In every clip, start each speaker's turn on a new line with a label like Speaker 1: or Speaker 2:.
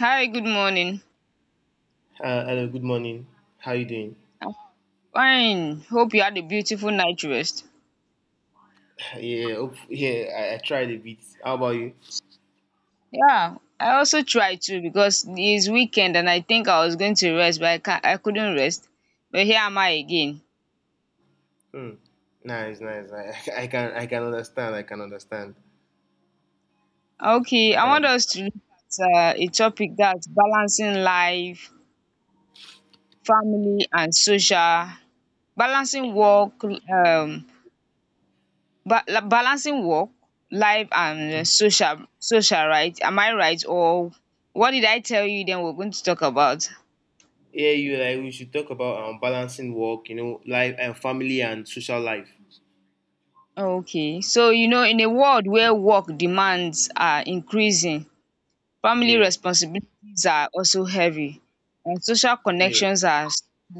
Speaker 1: Hi, good morning.
Speaker 2: Hello, good morning. How you doing?
Speaker 1: I'm fine. Hope you had a beautiful night rest.
Speaker 2: Yeah, yeah, I tried a bit. How about you?
Speaker 1: Yeah, I also tried to because it's weekend and I think I was going to rest, but I couldn't rest. But here am I again.
Speaker 2: Hmm. Nice, nice. I can understand. I can understand.
Speaker 1: Okay,
Speaker 2: I
Speaker 1: I want
Speaker 2: can.
Speaker 1: us to look at a topic that's balancing life, family, and social, balancing work, um, balancing work, life, and social, social, right? Am I right? Or what did I tell you? Then we're going to talk about.
Speaker 2: Yeah, you like we should talk about balancing work, life and family and social life.
Speaker 1: Okay, so you know in a world where work demands are increasing, family
Speaker 2: Yeah,
Speaker 1: responsibilities are also heavy and social
Speaker 2: yeah,
Speaker 1: connections are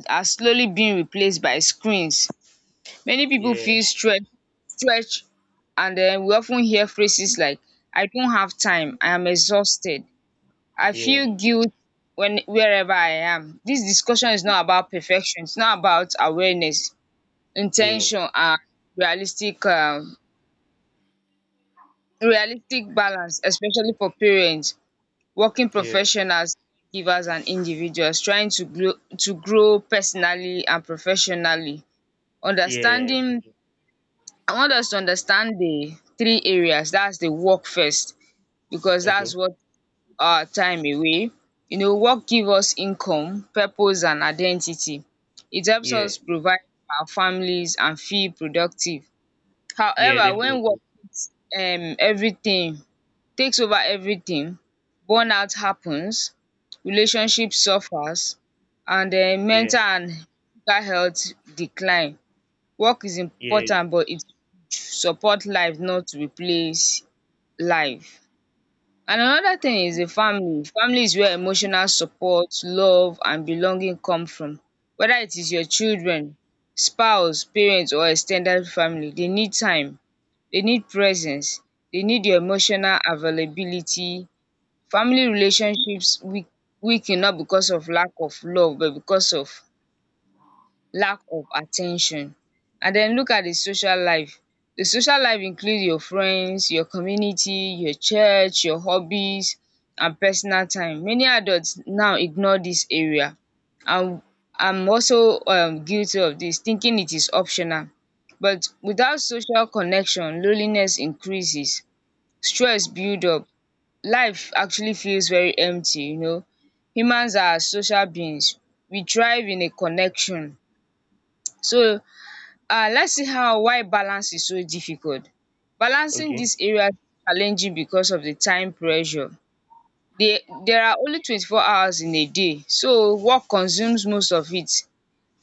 Speaker 1: are slowly being replaced by screens. Many people
Speaker 2: yeah,
Speaker 1: feel stretch and then we often hear phrases like I don't have time, I am exhausted. I
Speaker 2: yeah,
Speaker 1: feel guilt when wherever I am. This discussion is not about perfection, it's not about awareness,
Speaker 2: yeah,
Speaker 1: intention and realistic um realistic balance especially for parents, working
Speaker 2: yeah,
Speaker 1: professionals, givers, and individuals trying to grow personally and professionally.
Speaker 2: yeah.
Speaker 1: Understanding, I want us to understand the three areas, that's the work first because
Speaker 2: Okay.
Speaker 1: that's what our time away. You know, work gives us income, purpose, and identity. It helps
Speaker 2: Yeah,
Speaker 1: us provide for our families and feel productive.
Speaker 2: yeah,
Speaker 1: However, when
Speaker 2: definitely.
Speaker 1: work takes everything, takes over everything, burnout happens, relationship suffers, and
Speaker 2: Yeah,
Speaker 1: mental and physical health decline. Work is
Speaker 2: yeah.
Speaker 1: important, but it should support life, not replace life. And another thing is the family. Family is where emotional support, love, and belonging come from. Whether it is your children, spouse, parents, or extended family, they need time, they need presence, they need your emotional availability. Family relationships weaken not because of lack of love but because of lack of attention. And then look at the social life. The social life includes your friends, your community, your church, your hobbies and personal time. Many adults now ignore this area and I'm also guilty of this, thinking it is optional. But without social connection loneliness increases, stress builds up, life actually feels very empty, you know. Humans are social beings, we thrive in a connection. So let's see how why balance is so difficult. Balancing
Speaker 2: Okay,
Speaker 1: this area is challenging because of the time pressure. There are only 24 hours in a day, so work consumes most of it,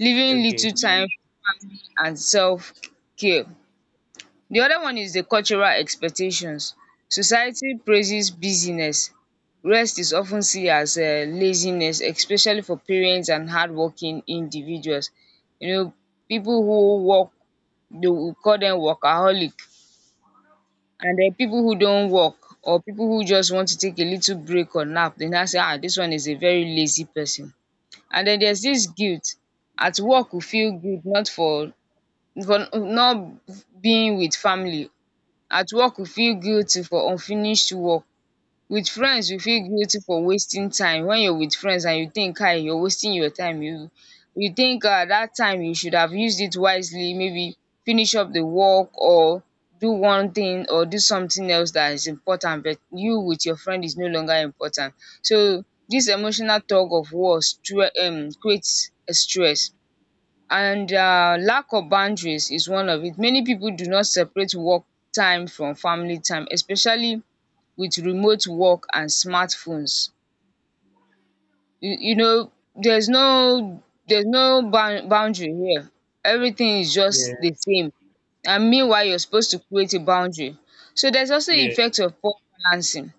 Speaker 1: leaving
Speaker 2: okay.
Speaker 1: little time for family and self care. The other one is the cultural expectations. Society praises busyness. Rest is often seen as laziness especially for parents and hardworking individuals. You know, people who work, they will call them workaholic, and then people who don't work or people who just want to take a little break or nap, they now say, ah, this one is a very lazy person. And then there's this guilt. At work we feel guilt not for for not being with family. At work we feel guilty for unfinished work. With friends we feel guilty for wasting time. When you're with friends and you think, "Hi, you're wasting your time, you think that time you should have used it wisely, maybe finish up the work or do one thing or do something else that is important, but you with your friend is no longer important." So this emotional tug of war creates a stress. And lack of boundaries is one of it. Many people do not separate work time from family time, especially with remote work and smart phones. You know, there's no boundary here, everything is just
Speaker 2: Yeah,
Speaker 1: the same. And meanwhile you're supposed to create a boundary. So there's also the
Speaker 2: yeah.
Speaker 1: effect of poor balancing.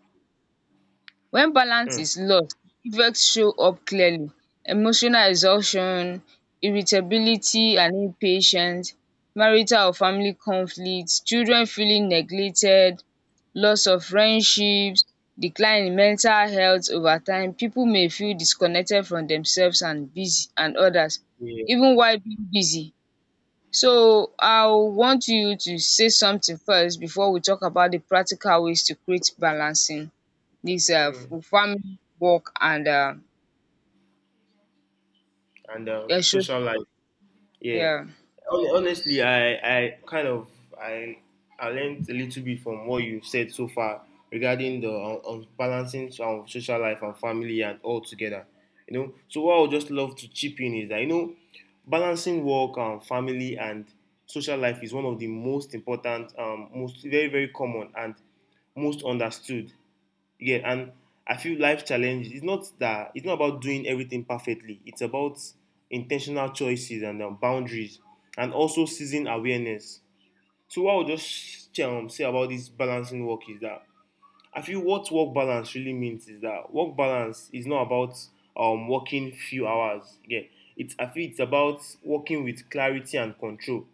Speaker 1: When balance
Speaker 2: Mm.
Speaker 1: is lost, effects show up clearly: emotional exhaustion, irritability and impatience, marital or family conflicts, children feeling neglected, loss of friendships, decline in mental health. Over time people may feel disconnected from themselves and busy and others,
Speaker 2: Yeah.
Speaker 1: even while being busy. So I want you to say something first before we talk about the practical ways to create balancing this
Speaker 2: Mm.
Speaker 1: farming work and
Speaker 2: And
Speaker 1: issues.
Speaker 2: social life. Yeah.
Speaker 1: Yeah,
Speaker 2: Honestly, I kind of I I learned a little bit from what you've said so far regarding the balancing social life and family and all together. So what I would just love to chip in is that balancing work and family and social life is one of the most important, most very, very common and most understood, yeah, and I feel life challenge is not that, it's not about doing everything perfectly. It's about intentional choices and boundaries, and also seizing awareness. So what I would just say about this balancing work is that I feel what work balance really means is that work balance is not about working few hours. Yeah, it's I feel it's about working with clarity and control.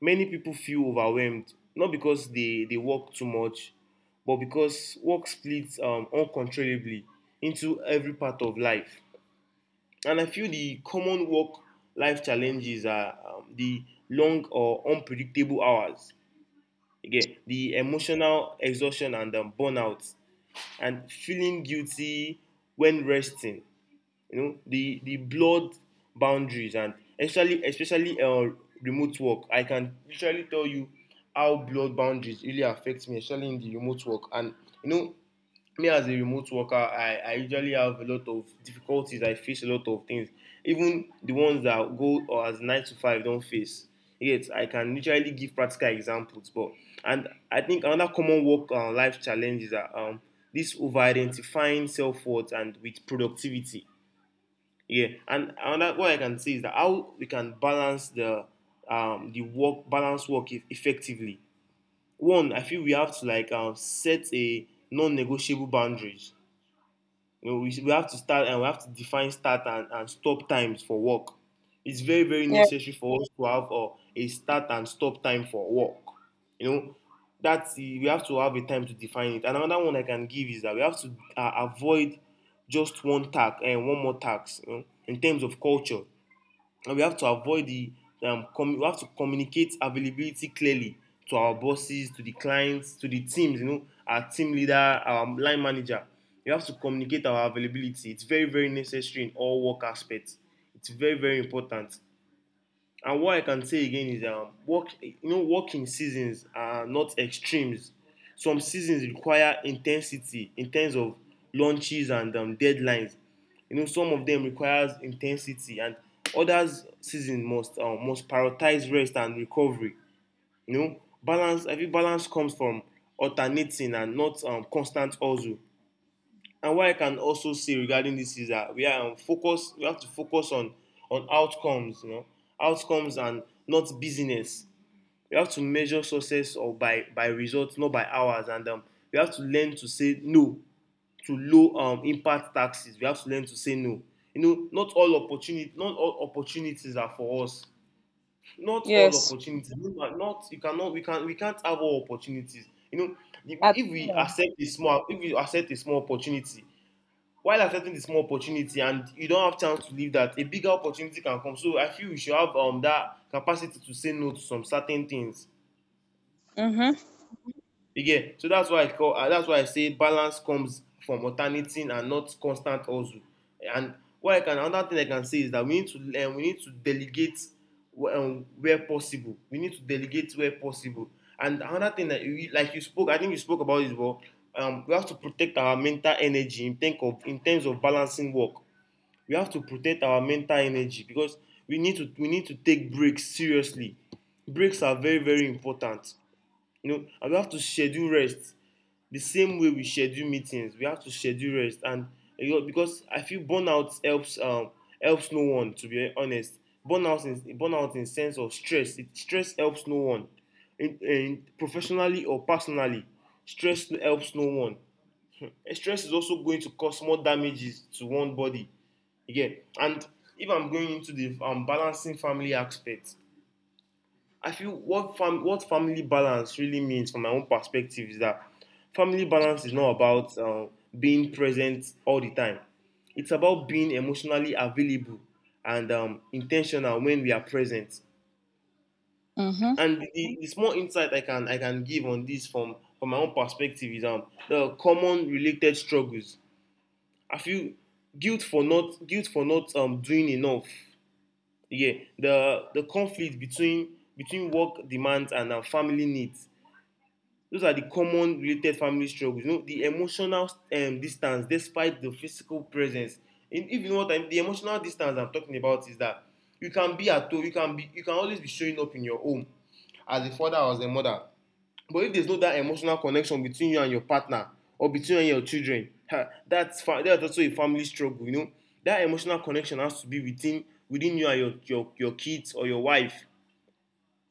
Speaker 2: Many people feel overwhelmed, not because they work too much, but because work splits uncontrollably into every part of life. And I feel the common work life challenges are the long or unpredictable hours, again, the emotional exhaustion and burnout, and feeling guilty when resting. The blurred boundaries, and especially remote work, I can literally tell you how blurred boundaries really affect me, especially in the remote work. And you know me as a remote worker, I usually have a lot of difficulties. I face a lot of things even the ones that go or as 9 to 5 do don't face, yet I can literally give practical examples. But and I think another common work life challenge is that this over identifying self-worth and with productivity, yeah. And another what I can see is that how we can balance the work, balance work effectively. One, I feel we have to like set a non-negotiable boundaries. We have to start, and we have to define start and stop times for work. It's very, very
Speaker 1: yeah,
Speaker 2: necessary for us to have a start and stop time for work. You know, we have to have a time to define it. And another one I can give is that we have to avoid just one tax and one more tax, in terms of culture, and we have to avoid the we have to communicate availability clearly to our bosses, to the clients, to the teams, our team leader, our line manager. We have to communicate our availability. It's very, very necessary in all work aspects. It's very, very important. And what I can say again is, working seasons are not extremes. Some seasons require intensity in terms of launches and deadlines. Some of them requires intensity, and others seasons must prioritize rest and recovery. You know balance I think balance comes from alternating and not constant hustle. And what I can also say regarding this is that we are focused, we have to focus on outcomes and not business. We have to measure success or by results, not by hours. And we have to learn to say no to low impact taxes. We have to learn to say no. Not all opportunities are for us. Not all
Speaker 1: yes,
Speaker 2: opportunities. You Not, you cannot, we can't have all opportunities. If
Speaker 1: at
Speaker 2: if we
Speaker 1: all.
Speaker 2: accept a small, if we accept a small opportunity, while accepting the small opportunity and you don't have chance to leave, that a bigger opportunity can come. So I feel we should have that capacity to say no to some certain things.
Speaker 1: Mhm,
Speaker 2: Again, so that's why I say balance comes from alternating and not constant hustle. And what I can another thing I can say is that we need to delegate where possible, we need to delegate where possible. And another thing that you spoke, I think you spoke about is, well, we have to protect our mental energy in terms of balancing work. We have to protect our mental energy, because we need to take breaks seriously. Breaks are very, very important. And we have to schedule rest the same way we schedule meetings. We have to schedule rest. And because I feel burnout helps no one, to be honest. Burnout in sense of stress helps no one. In professionally or personally, stress helps no one. And stress is also going to cause more damages to one body. Again, and if I'm going into the balancing family aspect, I feel what what family balance really means from my own perspective is that family balance is not about being present all the time. It's about being emotionally available and intentional when we are present.
Speaker 1: mhm,
Speaker 2: And the small insight I can give on this from my own perspective is the common related struggles. I feel guilt for not doing enough, yeah. The conflict between work demands and family needs, those are the common related family struggles. The emotional distance despite the physical presence. In even what I'm the emotional distance I'm talking about is that, you can be at home, you can always be showing up in your home as a father or as a mother. But if there's no that emotional connection between you and your partner or between you and your children, that's also a family struggle. That emotional connection has to be within you and your kids or your wife.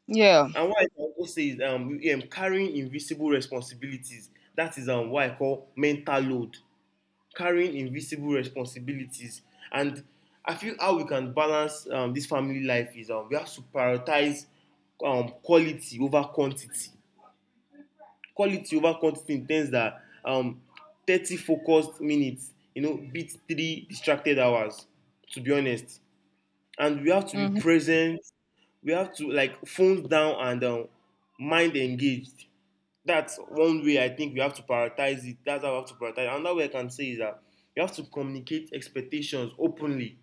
Speaker 1: yeah,
Speaker 2: And why I can also say is, carrying invisible responsibilities. That is what I call mental load. Carrying invisible responsibilities. And I feel how we can balance this family life is, we have to prioritize quality over quantity, quality over quantity, in terms that, 30 focused minutes, beat 3 distracted hours, to be honest. And we have to be
Speaker 1: mhm,
Speaker 2: present. We have to like phones down and mind engaged. That's one way I think we have to prioritize it. That's how we have to prioritize it. Another way I can say is that you have to communicate expectations openly,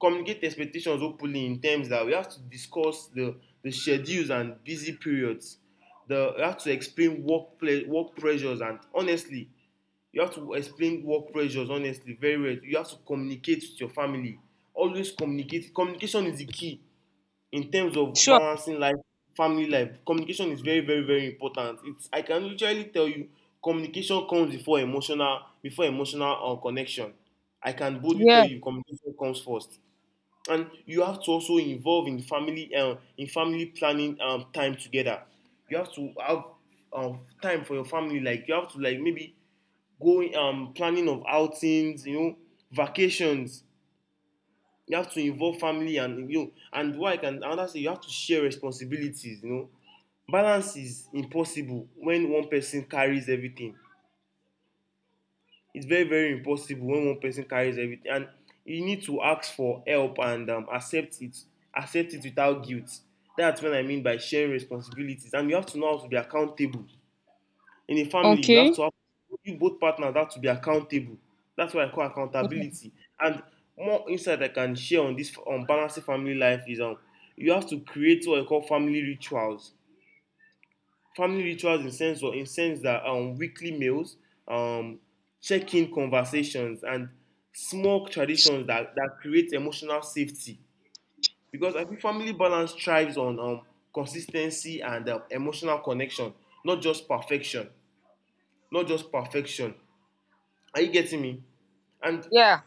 Speaker 2: communicate expectations openly, in terms that we have to discuss the schedules and busy periods. We have to explain work pressures, and honestly, you have to explain work pressures honestly very well. You have to communicate with your family. Always communicate. Communication is the key in terms of
Speaker 1: sure,
Speaker 2: balancing life, family life. Communication is very, very, very important. It's I can literally tell you, communication comes before emotional connection. I can boldly tell
Speaker 1: yeah,
Speaker 2: you, communication comes first. And you have to also involve in family planning, time together. You have to have time for your family, like you have to, like maybe go, planning of outings, vacations. You have to involve family, and you know and why I can another thing, you have to share responsibilities. Balance is impossible when one person carries everything. It's very, very impossible when one person carries everything, and you need to ask for help and accept it without guilt. That's what I mean by sharing responsibilities. And you have to know how to be accountable. In a family,
Speaker 1: okay,
Speaker 2: you both partners have to be accountable. That's what I call accountability. And more insight I can share on this on balancing family life is, you have to create what I call family rituals. Family rituals in sense, that weekly meals, um, check-in conversations, and small traditions that create emotional safety. Because I think family balance thrives on consistency and emotional connection, not just perfection. Not just perfection. Are you getting me? And
Speaker 1: yeah,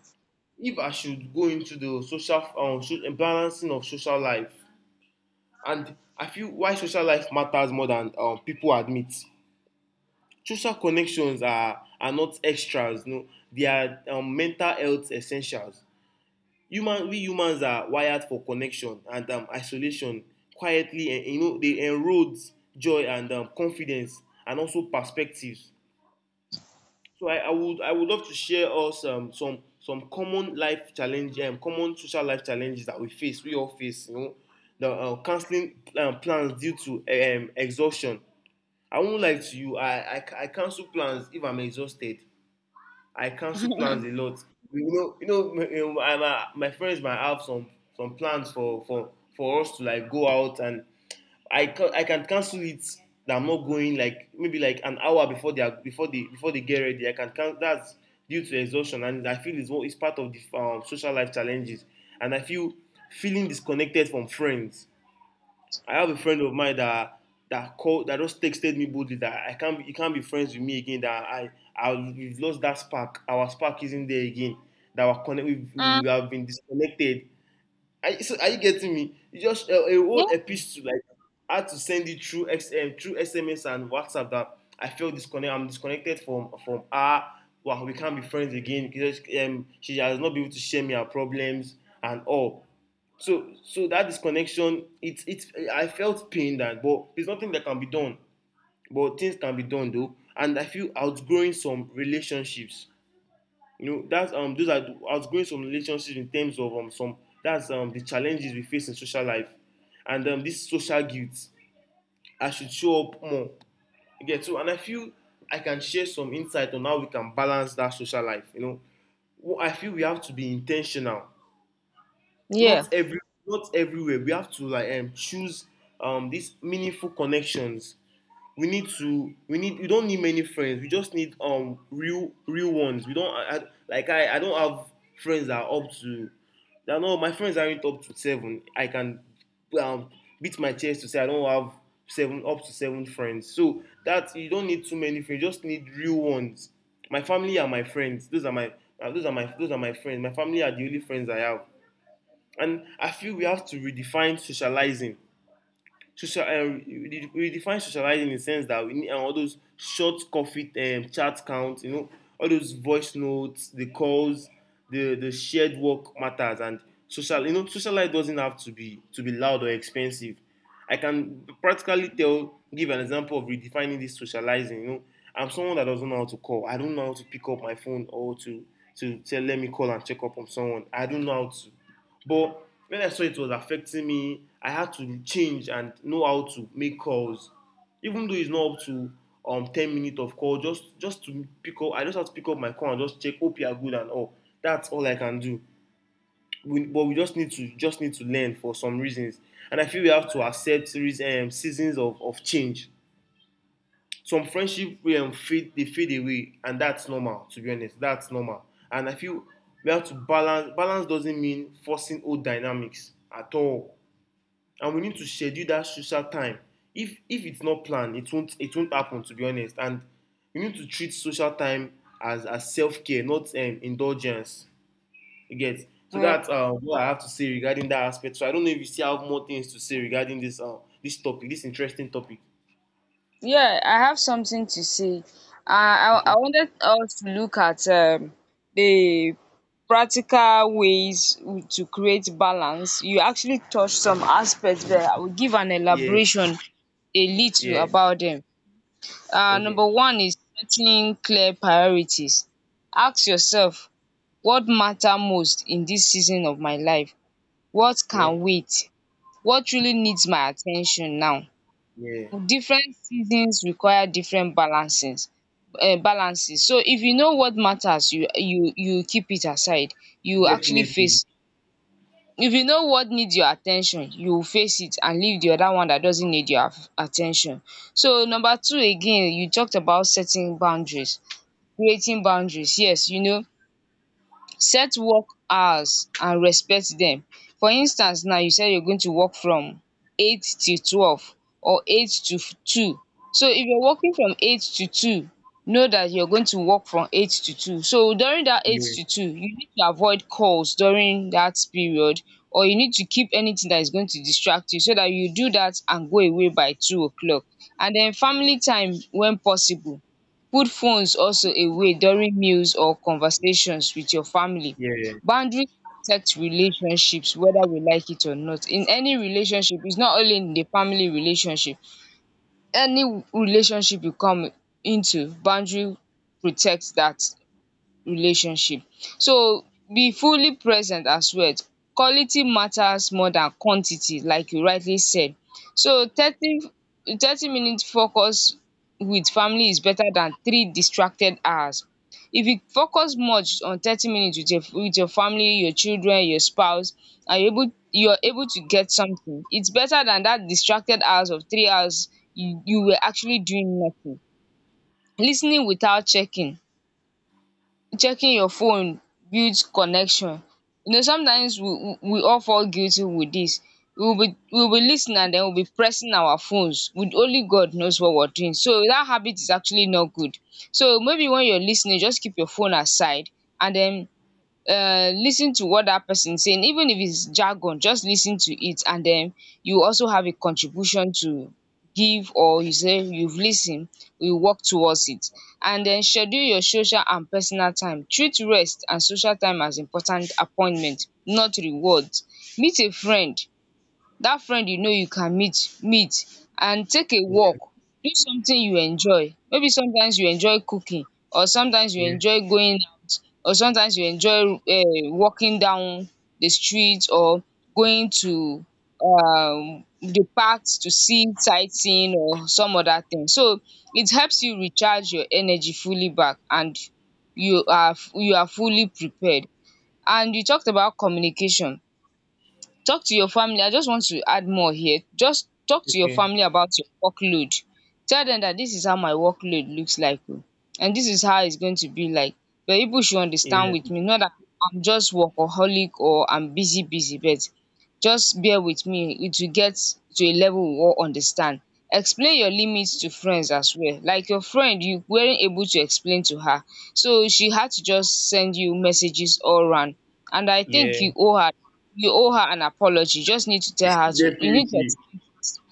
Speaker 2: if I should go into the balancing of social life, and I feel why social life matters more than people admit. Social connections are not extras. No, they are mental health essentials. Human we humans are wired for connection, and isolation quietly, and you know they enrolled joy and confidence, and also perspectives. So I would love to share us some common life challenges, common social life challenges that we all face. The cancelling plans due to exhaustion. I won't lie to you. I cancel plans if I'm exhausted. I cancel plans a
Speaker 1: mm,
Speaker 2: lot. You know, my friends might have some plans for us to, like, go out, and I can cancel it. That I'm not going, like maybe like an hour before they are, before they get ready. I can cancel. That's due to exhaustion, and I feel it's what is part of the social life challenges. And I feel feeling disconnected from friends. I have a friend of mine that just texted me boldly that I can't be, you can't be friends with me again. That I we've lost that spark. Our spark isn't there again. That we're connect, we've, we have been disconnected. So are you getting me? It's just a whole
Speaker 1: yeah,
Speaker 2: epistle, like I had to send it through XM, through SMS and WhatsApp, that I feel disconnected. I'm disconnected from her. Well, we can't be friends again because she has not been able to share me her problems and all. So that disconnection, it's it's. I felt pain that, but there's nothing that can be done. But things can be done though, and I feel outgrowing some relationships. You know that's those are Outgrowing some relationships in terms of some, that's the challenges we face in social life. And this social guilt, I should show up more. Okay, so and I feel I can share some insight on how we can balance that social life, you know. Well, I feel we have to be intentional. not
Speaker 1: yeah,
Speaker 2: every Not everywhere. We have to, like, choose these meaningful connections. We don't need many friends. We just need real ones. We don't I, I, like i i don't have friends that are up to that. No, my friends aren't up to seven. I can um beat my chest to say I don't have seven up to seven friends. So that you don't need too many friends, you just need real ones. My family are my friends. Those are my friends. My family are the only friends I have. And I feel we have to redefine socializing. Social, uh, Redefine socializing in the sense that we need all those short coffee chat counts, you know, all those voice notes, the calls, the shared work matters, and social. You know, social life doesn't have to be loud or expensive. I can practically give an example of redefining this socializing. You know, I'm someone that doesn't know how to call. I don't know how to pick up my phone or to say, let me call and check up on someone. I don't know how to. But when I saw it was affecting me, I had to change and know how to make calls. Even though it's not up to 10 minutes of call, just to pick up, I just have to pick up my call and just check, hope you are good and all. That's all I can do. But we just need to learn for some reasons. And I feel we have to accept seasons of change. Some friendship wey fade, they fade away, and that's normal, to be honest. That's normal. And I feel we have to balance. Balance doesn't mean forcing old dynamics at all. And we need to schedule that social time. If it's not planned, it won't happen, to be honest. And we need to treat social time as self-care, not indulgence. You get. So
Speaker 1: yeah.
Speaker 2: that's what I have to say regarding that aspect. So I don't know if you still have more things to say regarding this interesting topic.
Speaker 1: Yeah, I have something to say. I
Speaker 2: Okay.
Speaker 1: wanted us to look at the practical ways to create balance. You actually touched some aspects there. I will give an
Speaker 2: Yeah,
Speaker 1: elaboration a little
Speaker 2: yeah.
Speaker 1: about them.
Speaker 2: Okay.
Speaker 1: Number one is setting clear priorities. Ask yourself, what matter most in this season of my life? What
Speaker 2: Yeah,
Speaker 1: can wait? What really needs my attention now?
Speaker 2: yeah,
Speaker 1: Different seasons require different balances. Balances. So if you know what matters, you keep it aside. You actually
Speaker 2: definitely.
Speaker 1: face. If you know what needs your attention, you face it and leave the other one that doesn't need your attention. So number two, again, you talked about setting boundaries, creating boundaries. Yes, you know, set work hours and respect dem. For instance, now you said you're going to work from 8 till 12, or two. So if you're working from 8 to 2, know that you're going to work from 8 to 2. So during that eight
Speaker 2: Yeah,
Speaker 1: to two you need to avoid calls during that period, or you need to keep anything that is going to distract you, so that you do that and go away by 2 o'clock. And then family time when possible, put phones also away during meals or conversations with your family.
Speaker 2: yeah, yeah,
Speaker 1: Boundaries protect relationships, whether we like it or not. In any relationship, it's not only in the family relationship, any relationship you come into, boundary protects that relationship. So be fully present as well. Quality matters more than quantity, like you rightly said. So thirty minutes focus with family is better than three distracted hours. If you focus much on 30 minutes with your family, your children, your spouse, and you're able to get something, it's better than that distracted hours of 3 hours you you were actually doing nothing. Listening without checking your phone builds connection. You know, sometimes we all fall guilty with this. We will be listening, and then we will be pressing our phones with only god knows what we're doing. So that habit is actually not good. So maybe when you're listening, just keep your phone aside, and then listen to what that person saying, even if it's jargon, just listen to it, and then you also have a contribution to give, or you say you've listened. We work towards it. And then schedule your social and personal time. Treat rest and social time as important appointment, not rewards. Meet a friend, that friend you know you can meet and take a walk, do something you enjoy, maybe sometimes you enjoy cooking, or sometimes you
Speaker 2: yeah.
Speaker 1: enjoy going out, or sometimes you enjoy walking down the street, or going to the parks to see sightseeing or some other thing. So it helps you recharge your energy fully back and you are fully prepared. And you talked about communication. Talk to your family, I just want to add more here. Just talk to your
Speaker 2: Okay,
Speaker 1: family about your workload. Tell them that this is how my workload looks like, oh, and this is how it's going to be like, but people should
Speaker 2: yeah,
Speaker 1: understand with me, not that I'm just workaholic or I'm busy busy, but just bear with me, it will get to a level we all understand. Explain your limits to friends as well. Like your friend, you weren't able to explain to her, so she had to just send you messages all round, and I
Speaker 2: yeah,
Speaker 1: think you owe her, you owe her an apology. You just need to tell her, to you need to
Speaker 2: definitely.
Speaker 1: explain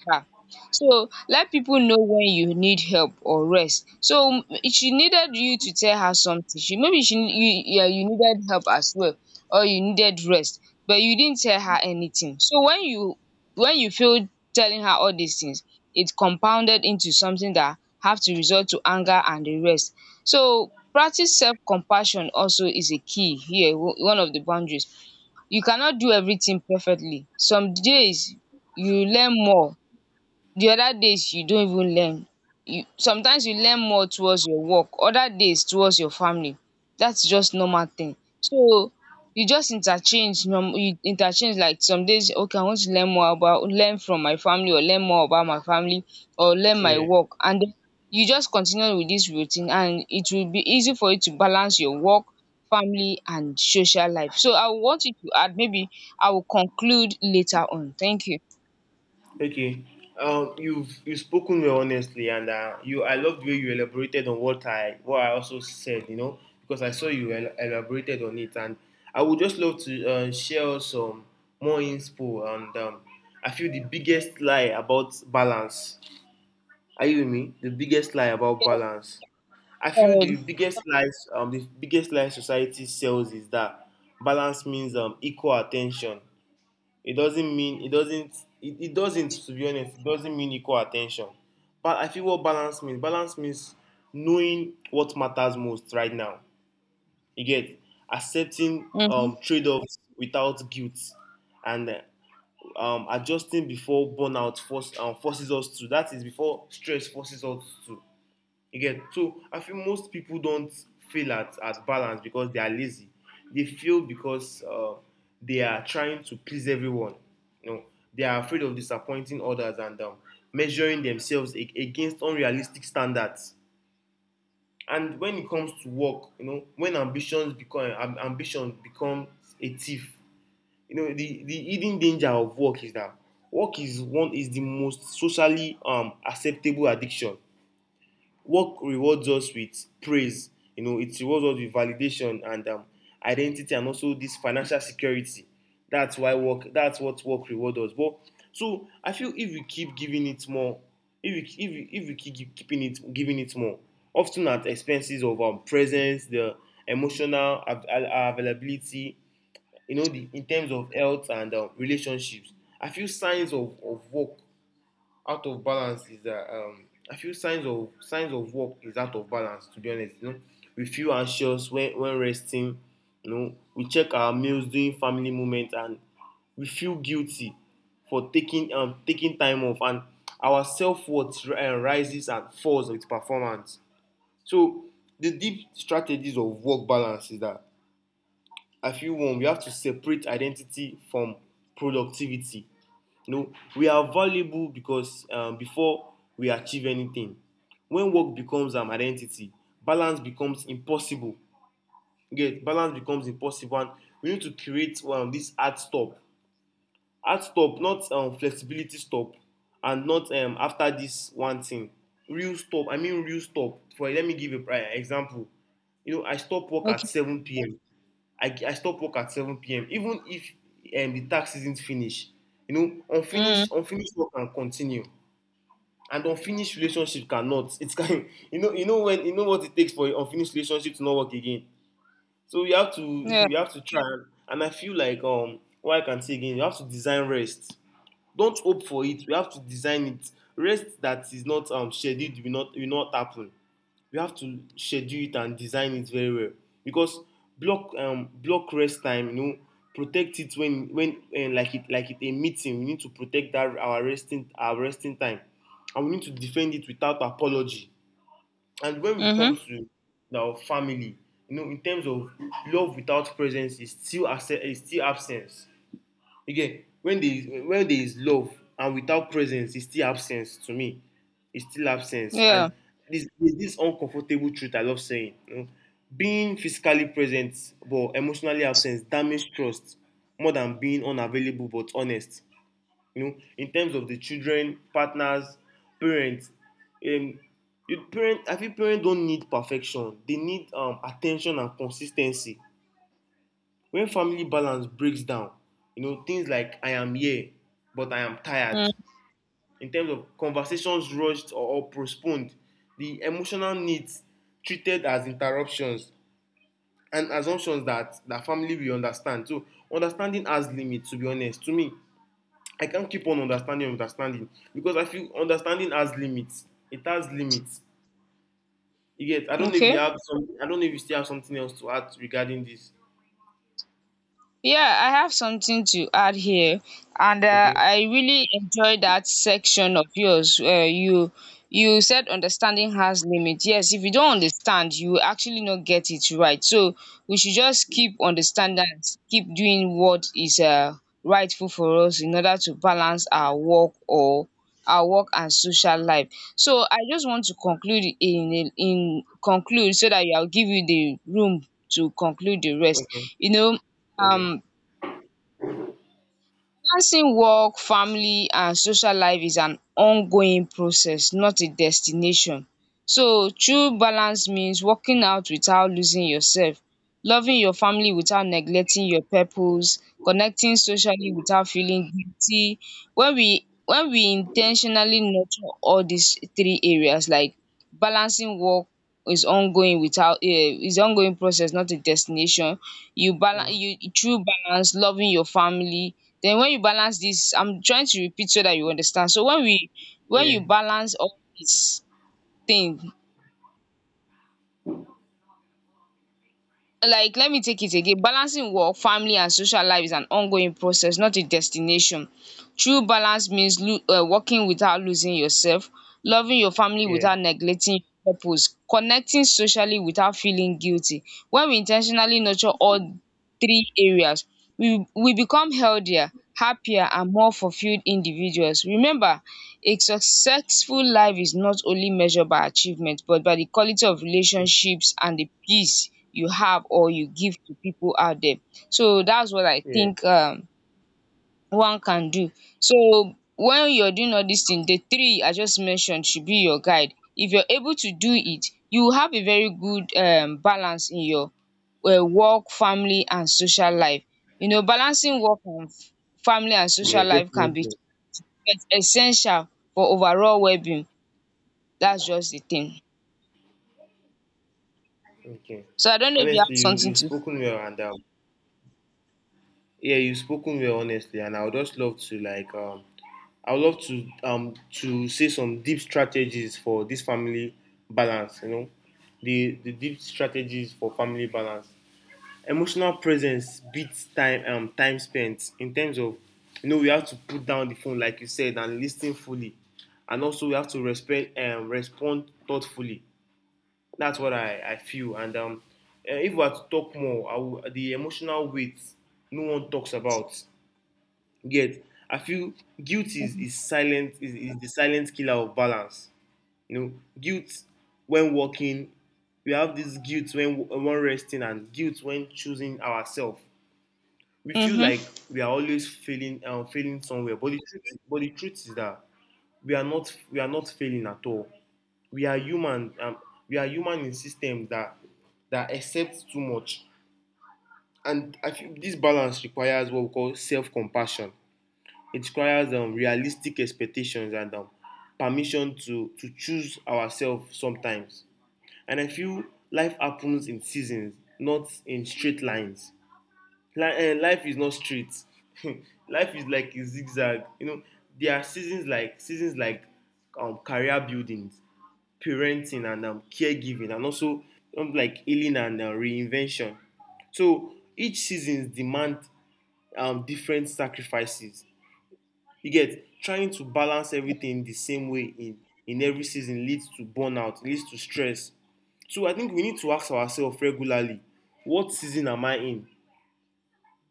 Speaker 1: her. So let people know when you need help or rest. So she needed you to tell her something. She, maybe she you yeah, you needed help as well, or you needed rest, but you didn't tell her anything. So when you feel telling her all these things, it compounded into something that have to resort to anger and the rest. So practice self-compassion also is a key here, one of the boundaries. You cannot do everything perfectly. Some days you learn more, the other days you don't even learn. You sometimes you learn more towards your work, other days towards your family. That's just normal thing. So you just you interchange, like some days, okay, I want to learn more about learn from my family or learn more about my family, or learn my
Speaker 2: Yeah,
Speaker 1: work, and then you just continue with this routine, and it will be easy for you to balance your work, family and social life. So I want you to add, maybe I will conclude later on. Thank you.
Speaker 2: okay. You've spoken well, honestly, and you I love the way you elaborated on what I also said. You know, because I saw you elaborated on it, and I would just love to share some more info. And I feel the biggest lie about balance. Are you with me? The biggest lie about
Speaker 1: Yeah,
Speaker 2: balance. I feel
Speaker 1: go
Speaker 2: the
Speaker 1: ahead.
Speaker 2: biggest lie society sells is that balance means equal attention. It doesn't mean, it doesn't, it doesn't, to be honest. It doesn't mean equal attention. But I feel what balance means. Balance means knowing what matters most right now. You get. Accepting
Speaker 1: Mhm.
Speaker 2: trade-offs without guilt, and adjusting before forces us to. That is, before stress forces us to. You get. So I feel most people don't fail at balance because they are lazy. They fail because they are trying to please everyone. You know, they are afraid of disappointing others, and measuring themselves against unrealistic standards. And when it comes to work, you know, when ambition becomes a thief. You know, the hidden danger of work is that work is the most socially acceptable addiction. Work rewards us with praise. You know, it rewards us with validation and identity, and also this financial security. That's what work rewards us, but. So I feel if we keep giving it more, if we keep keeping it giving it more, often at expenses of presence, the emotional availability. You know, the in terms of health and relationships. I feel signs of work out of balance is that I feel signs of work is out of balance, to be honest. You know, we feel anxious when resting. You know, we check our meals during family moments, and we feel guilty for taking time off, and our self worth rises and falls with performance. So the deep strategies of work balance is that, I feel, one, we have to separate identity from productivity. You know, we are valuable because before we achieve anything, when work becomes an identity, balance becomes impossible. You get. Balance becomes impossible, and we need to create this hard stop. Hard stop, not flexibility stop, and not after this one thing. Real stop. I mean real stop. For, let me give a example. You know, I stop work at
Speaker 1: Okay.
Speaker 2: 7 p.m. I stop work at 7 p.m. Even if the task isn't finished, you know,
Speaker 1: Mm.
Speaker 2: unfinished work can continue, and unfinished relationship cannot. It can, you know when you know what it takes for an unfinished relationship to not work again. So you have to
Speaker 1: Yeah.
Speaker 2: you have to try, and I feel like what I can say again, you have to design rest. Don't hope for it. You have to design it. Rest that is not scheduled will not happen. You have to schedule it and design it very well, because block rest time, you know, protect it when like it a meeting. We need to protect that, our resting time, and we need to defend it without apology. And when we come
Speaker 1: Mhm.
Speaker 2: to our family, you know, in terms of love without presence is still absence. Again, when there is love and without presence, it's still absence to me. It's still absence.
Speaker 1: Yeah.
Speaker 2: And this there's this uncomfortable truth I love saying. You know, being physically present but emotionally absent damages trust more than being unavailable but honest. You know, in terms of the children, partners, parents, um, you parent I feel parents don't need perfection. They need attention and consistency. When family balance breaks down, you know, things like, I am here but I am tired.
Speaker 1: Mm.
Speaker 2: In terms of conversations rushed or postponed, the emotional needs treated as interruptions, and assumptions that family will understand. So understanding has limits, to be honest, to me. I can't keep on understanding and understanding, because I feel understanding has limits. It has limits. You get. I don't know if you
Speaker 1: Okay.
Speaker 2: have some, I don't know if you still have something else to add regarding this.
Speaker 1: Yeah, I have something to add here, and
Speaker 2: Okay.
Speaker 1: I really enjoy that section of yours. You you said understanding has limits. Yes, if you don't understand, you will actually not get it right. So we should just keep understanding, and keep doing what is rightful for us in order to balance our work or our work and social life. So I just want to conclude in conclude so that I'll give you the room to conclude the rest.
Speaker 2: Okay.
Speaker 1: You know,
Speaker 2: Okay.
Speaker 1: um balancing work, family and social life is an ongoing process, not a destination. So true balance means working out without losing yourself, loving your family without neglecting your purpose, connecting socially without feeling guilty. When we in ten tionally nurture all these three areas, like balancing work is ongoing without is ongoing process, not a destination. You balance,
Speaker 2: Mm.
Speaker 1: you true balance, loving your family, then when you balance this, I'm trying to repeat so that you understand. When
Speaker 2: Yeah,
Speaker 1: you balance all these thing, like let me take it again. Balancing work, family and social life is an ongoing process, not a destination. True balance means working without losing yourself, loving your family
Speaker 2: yeah.
Speaker 1: without neglecting your purpose, connecting socially without feeling guilty. When we intentionally nurture all three areas, we become healthier, happier and more fulfilled individuals. Remember, a successful life is not only measured by achievement but by the quality of relationships and the peace you have or you give to people out there. So that's what I
Speaker 2: Yeah,
Speaker 1: think one can do. So when you're doing all these things, the three I just mentioned should be your guide. If you're able to do it, you will have a very good balance in your work, family and social life. You know, balancing work and family and
Speaker 2: yeah,
Speaker 1: social life can be,
Speaker 2: definitely.
Speaker 1: it's essential for overall well-being. That's just the thing.
Speaker 2: Okay.
Speaker 1: So I don't know if you
Speaker 2: Honestly,
Speaker 1: have
Speaker 2: you
Speaker 1: something
Speaker 2: you've
Speaker 1: to.
Speaker 2: spoken well, and yeah, you've spoken well, honestly, and I would just love to I would love to say some deep strategies for this family balance. You know, the deep strategies for family balance. Emotional presence beats time spent in terms of, you know, we have to put down the phone like you said and listen fully, and also we have to respect respond thoughtfully. That's what I feel. And If we are to talk more, I will, the emotional weight no one talks about yet. I feel guilt is the silent killer of balance. You know, guilt when walking, we have this guilt when resting and guilt when choosing ourselves. We feel
Speaker 1: Mm-hmm.
Speaker 2: like we are always failing somewhere, but but the truth is that we are not failing at all. We are human we are human in systems that accept too much. And I feel this balance requires what we call self-compassion. It requires realistic expectations and, permission to choose ourselves sometimes. And I feel life happens in seasons, not in straight lines. Life is not straight. Life is like a zigzag, you know. There are seasons like, career building, parenting and, caregiving, and also, like healing and, reinvention. So each season demands, different sacrifices. You get trying to balance everything the same way in every season leads to burnout, leads to stress. So I think we need to ask ourselves regularly, what season am I in?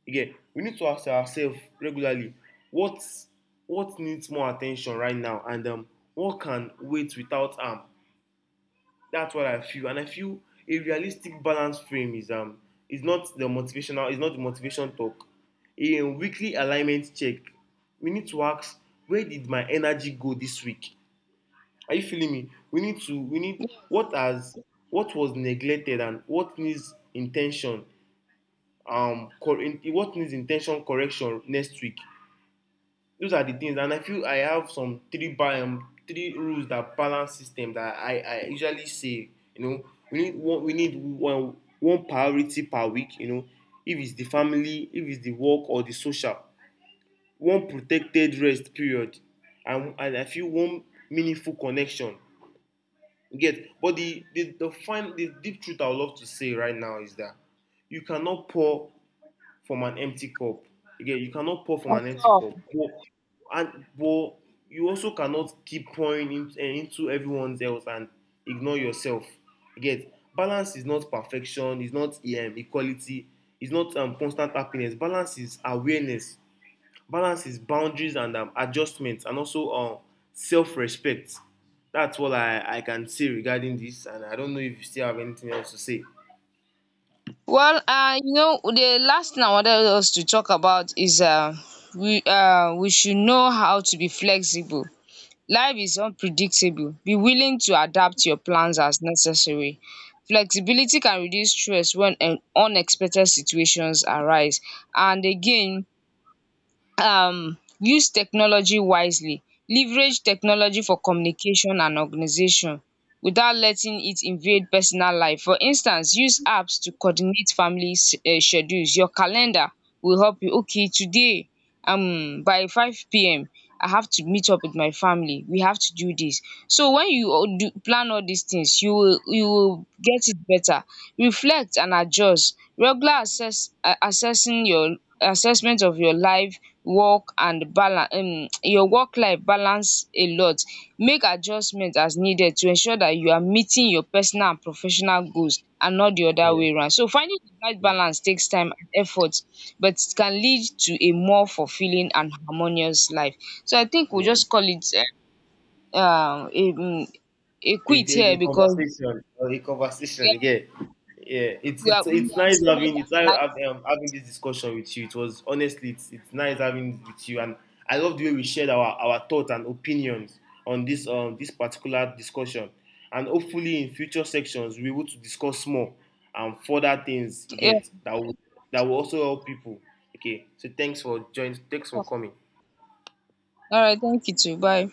Speaker 2: Again, we need to ask ourselves regularly, what what needs more attention right now? And What can wait without am. That's what I feel, and I feel a realistic balance frame is not the motivation talk. A weekly alignment check. We need to ask, where did my energy go this week? Are you feeling me? We need what has, what was neglected and what needs intention, what needs intention correction next week. Those are the things, and I feel I have some three rules, that balance system that I usually say, you know. We need one priority per week, you know. If it's the family, if it's the work, or the social, one protected rest period, and I feel one meaningful connection. You get, but the fine the deep truth I would love to say right now is that you cannot pour from an empty cup. Again, you cannot pour from an empty cup. But you also cannot keep pouring in, eh, into everyone else and ignore yourself. Again, balance is not perfection. It's not, equality. It's not, constant happiness. Balance is awareness. Balance is boundaries and, adjustments, and also, self-respect. That's what I can say regarding this, and I don't know if you still have anything else to say.
Speaker 1: Well, you know, the last thing I wanted us to talk about is we should know how to be flexible. Life is unpredictable. Be willing to adapt your plans as necessary. Flexibility can reduce stress when an unexpected situations arise. And again, use technology wisely, leverage technology for communication and organisation without letting it invade personal life. For instance, use apps to coordinate family schedules. Your calendar will help you. Okay, today by 5 p.m. I have to meet up with my family, we have to do this. So when you all do plan all these things, you will get it better. Reflect and adjust, regular assess, assessing your assessment of your life, work and balance, your work life balance a lot. Make adjustment as needed to ensure that you are meeting your personal and professional goals and not the other
Speaker 2: Yeah.
Speaker 1: way round. So finding the right balance takes time and effort, but it can lead to a more fulfilling and harmonious life. So I think we'll
Speaker 2: Yeah.
Speaker 1: just call it, eh, um a um a
Speaker 2: It,
Speaker 1: quit
Speaker 2: it,
Speaker 1: here
Speaker 2: it
Speaker 1: because,
Speaker 2: conversation, it conversation
Speaker 1: yeah,
Speaker 2: again. Yeah, it's it's
Speaker 1: we
Speaker 2: it's
Speaker 1: have
Speaker 2: nice
Speaker 1: so much analyzed.
Speaker 2: having this discussion with you. It was honestly, it's nice having it with you, and I love the way we shared our thoughts and opinions on this this particular discussion, and hopefully in future sections we will to discuss more and further things, you
Speaker 1: Yeah,
Speaker 2: get, that will also help people. Okay, so thanks for joining. Thanks for coming.
Speaker 1: all right, thank you too, bye.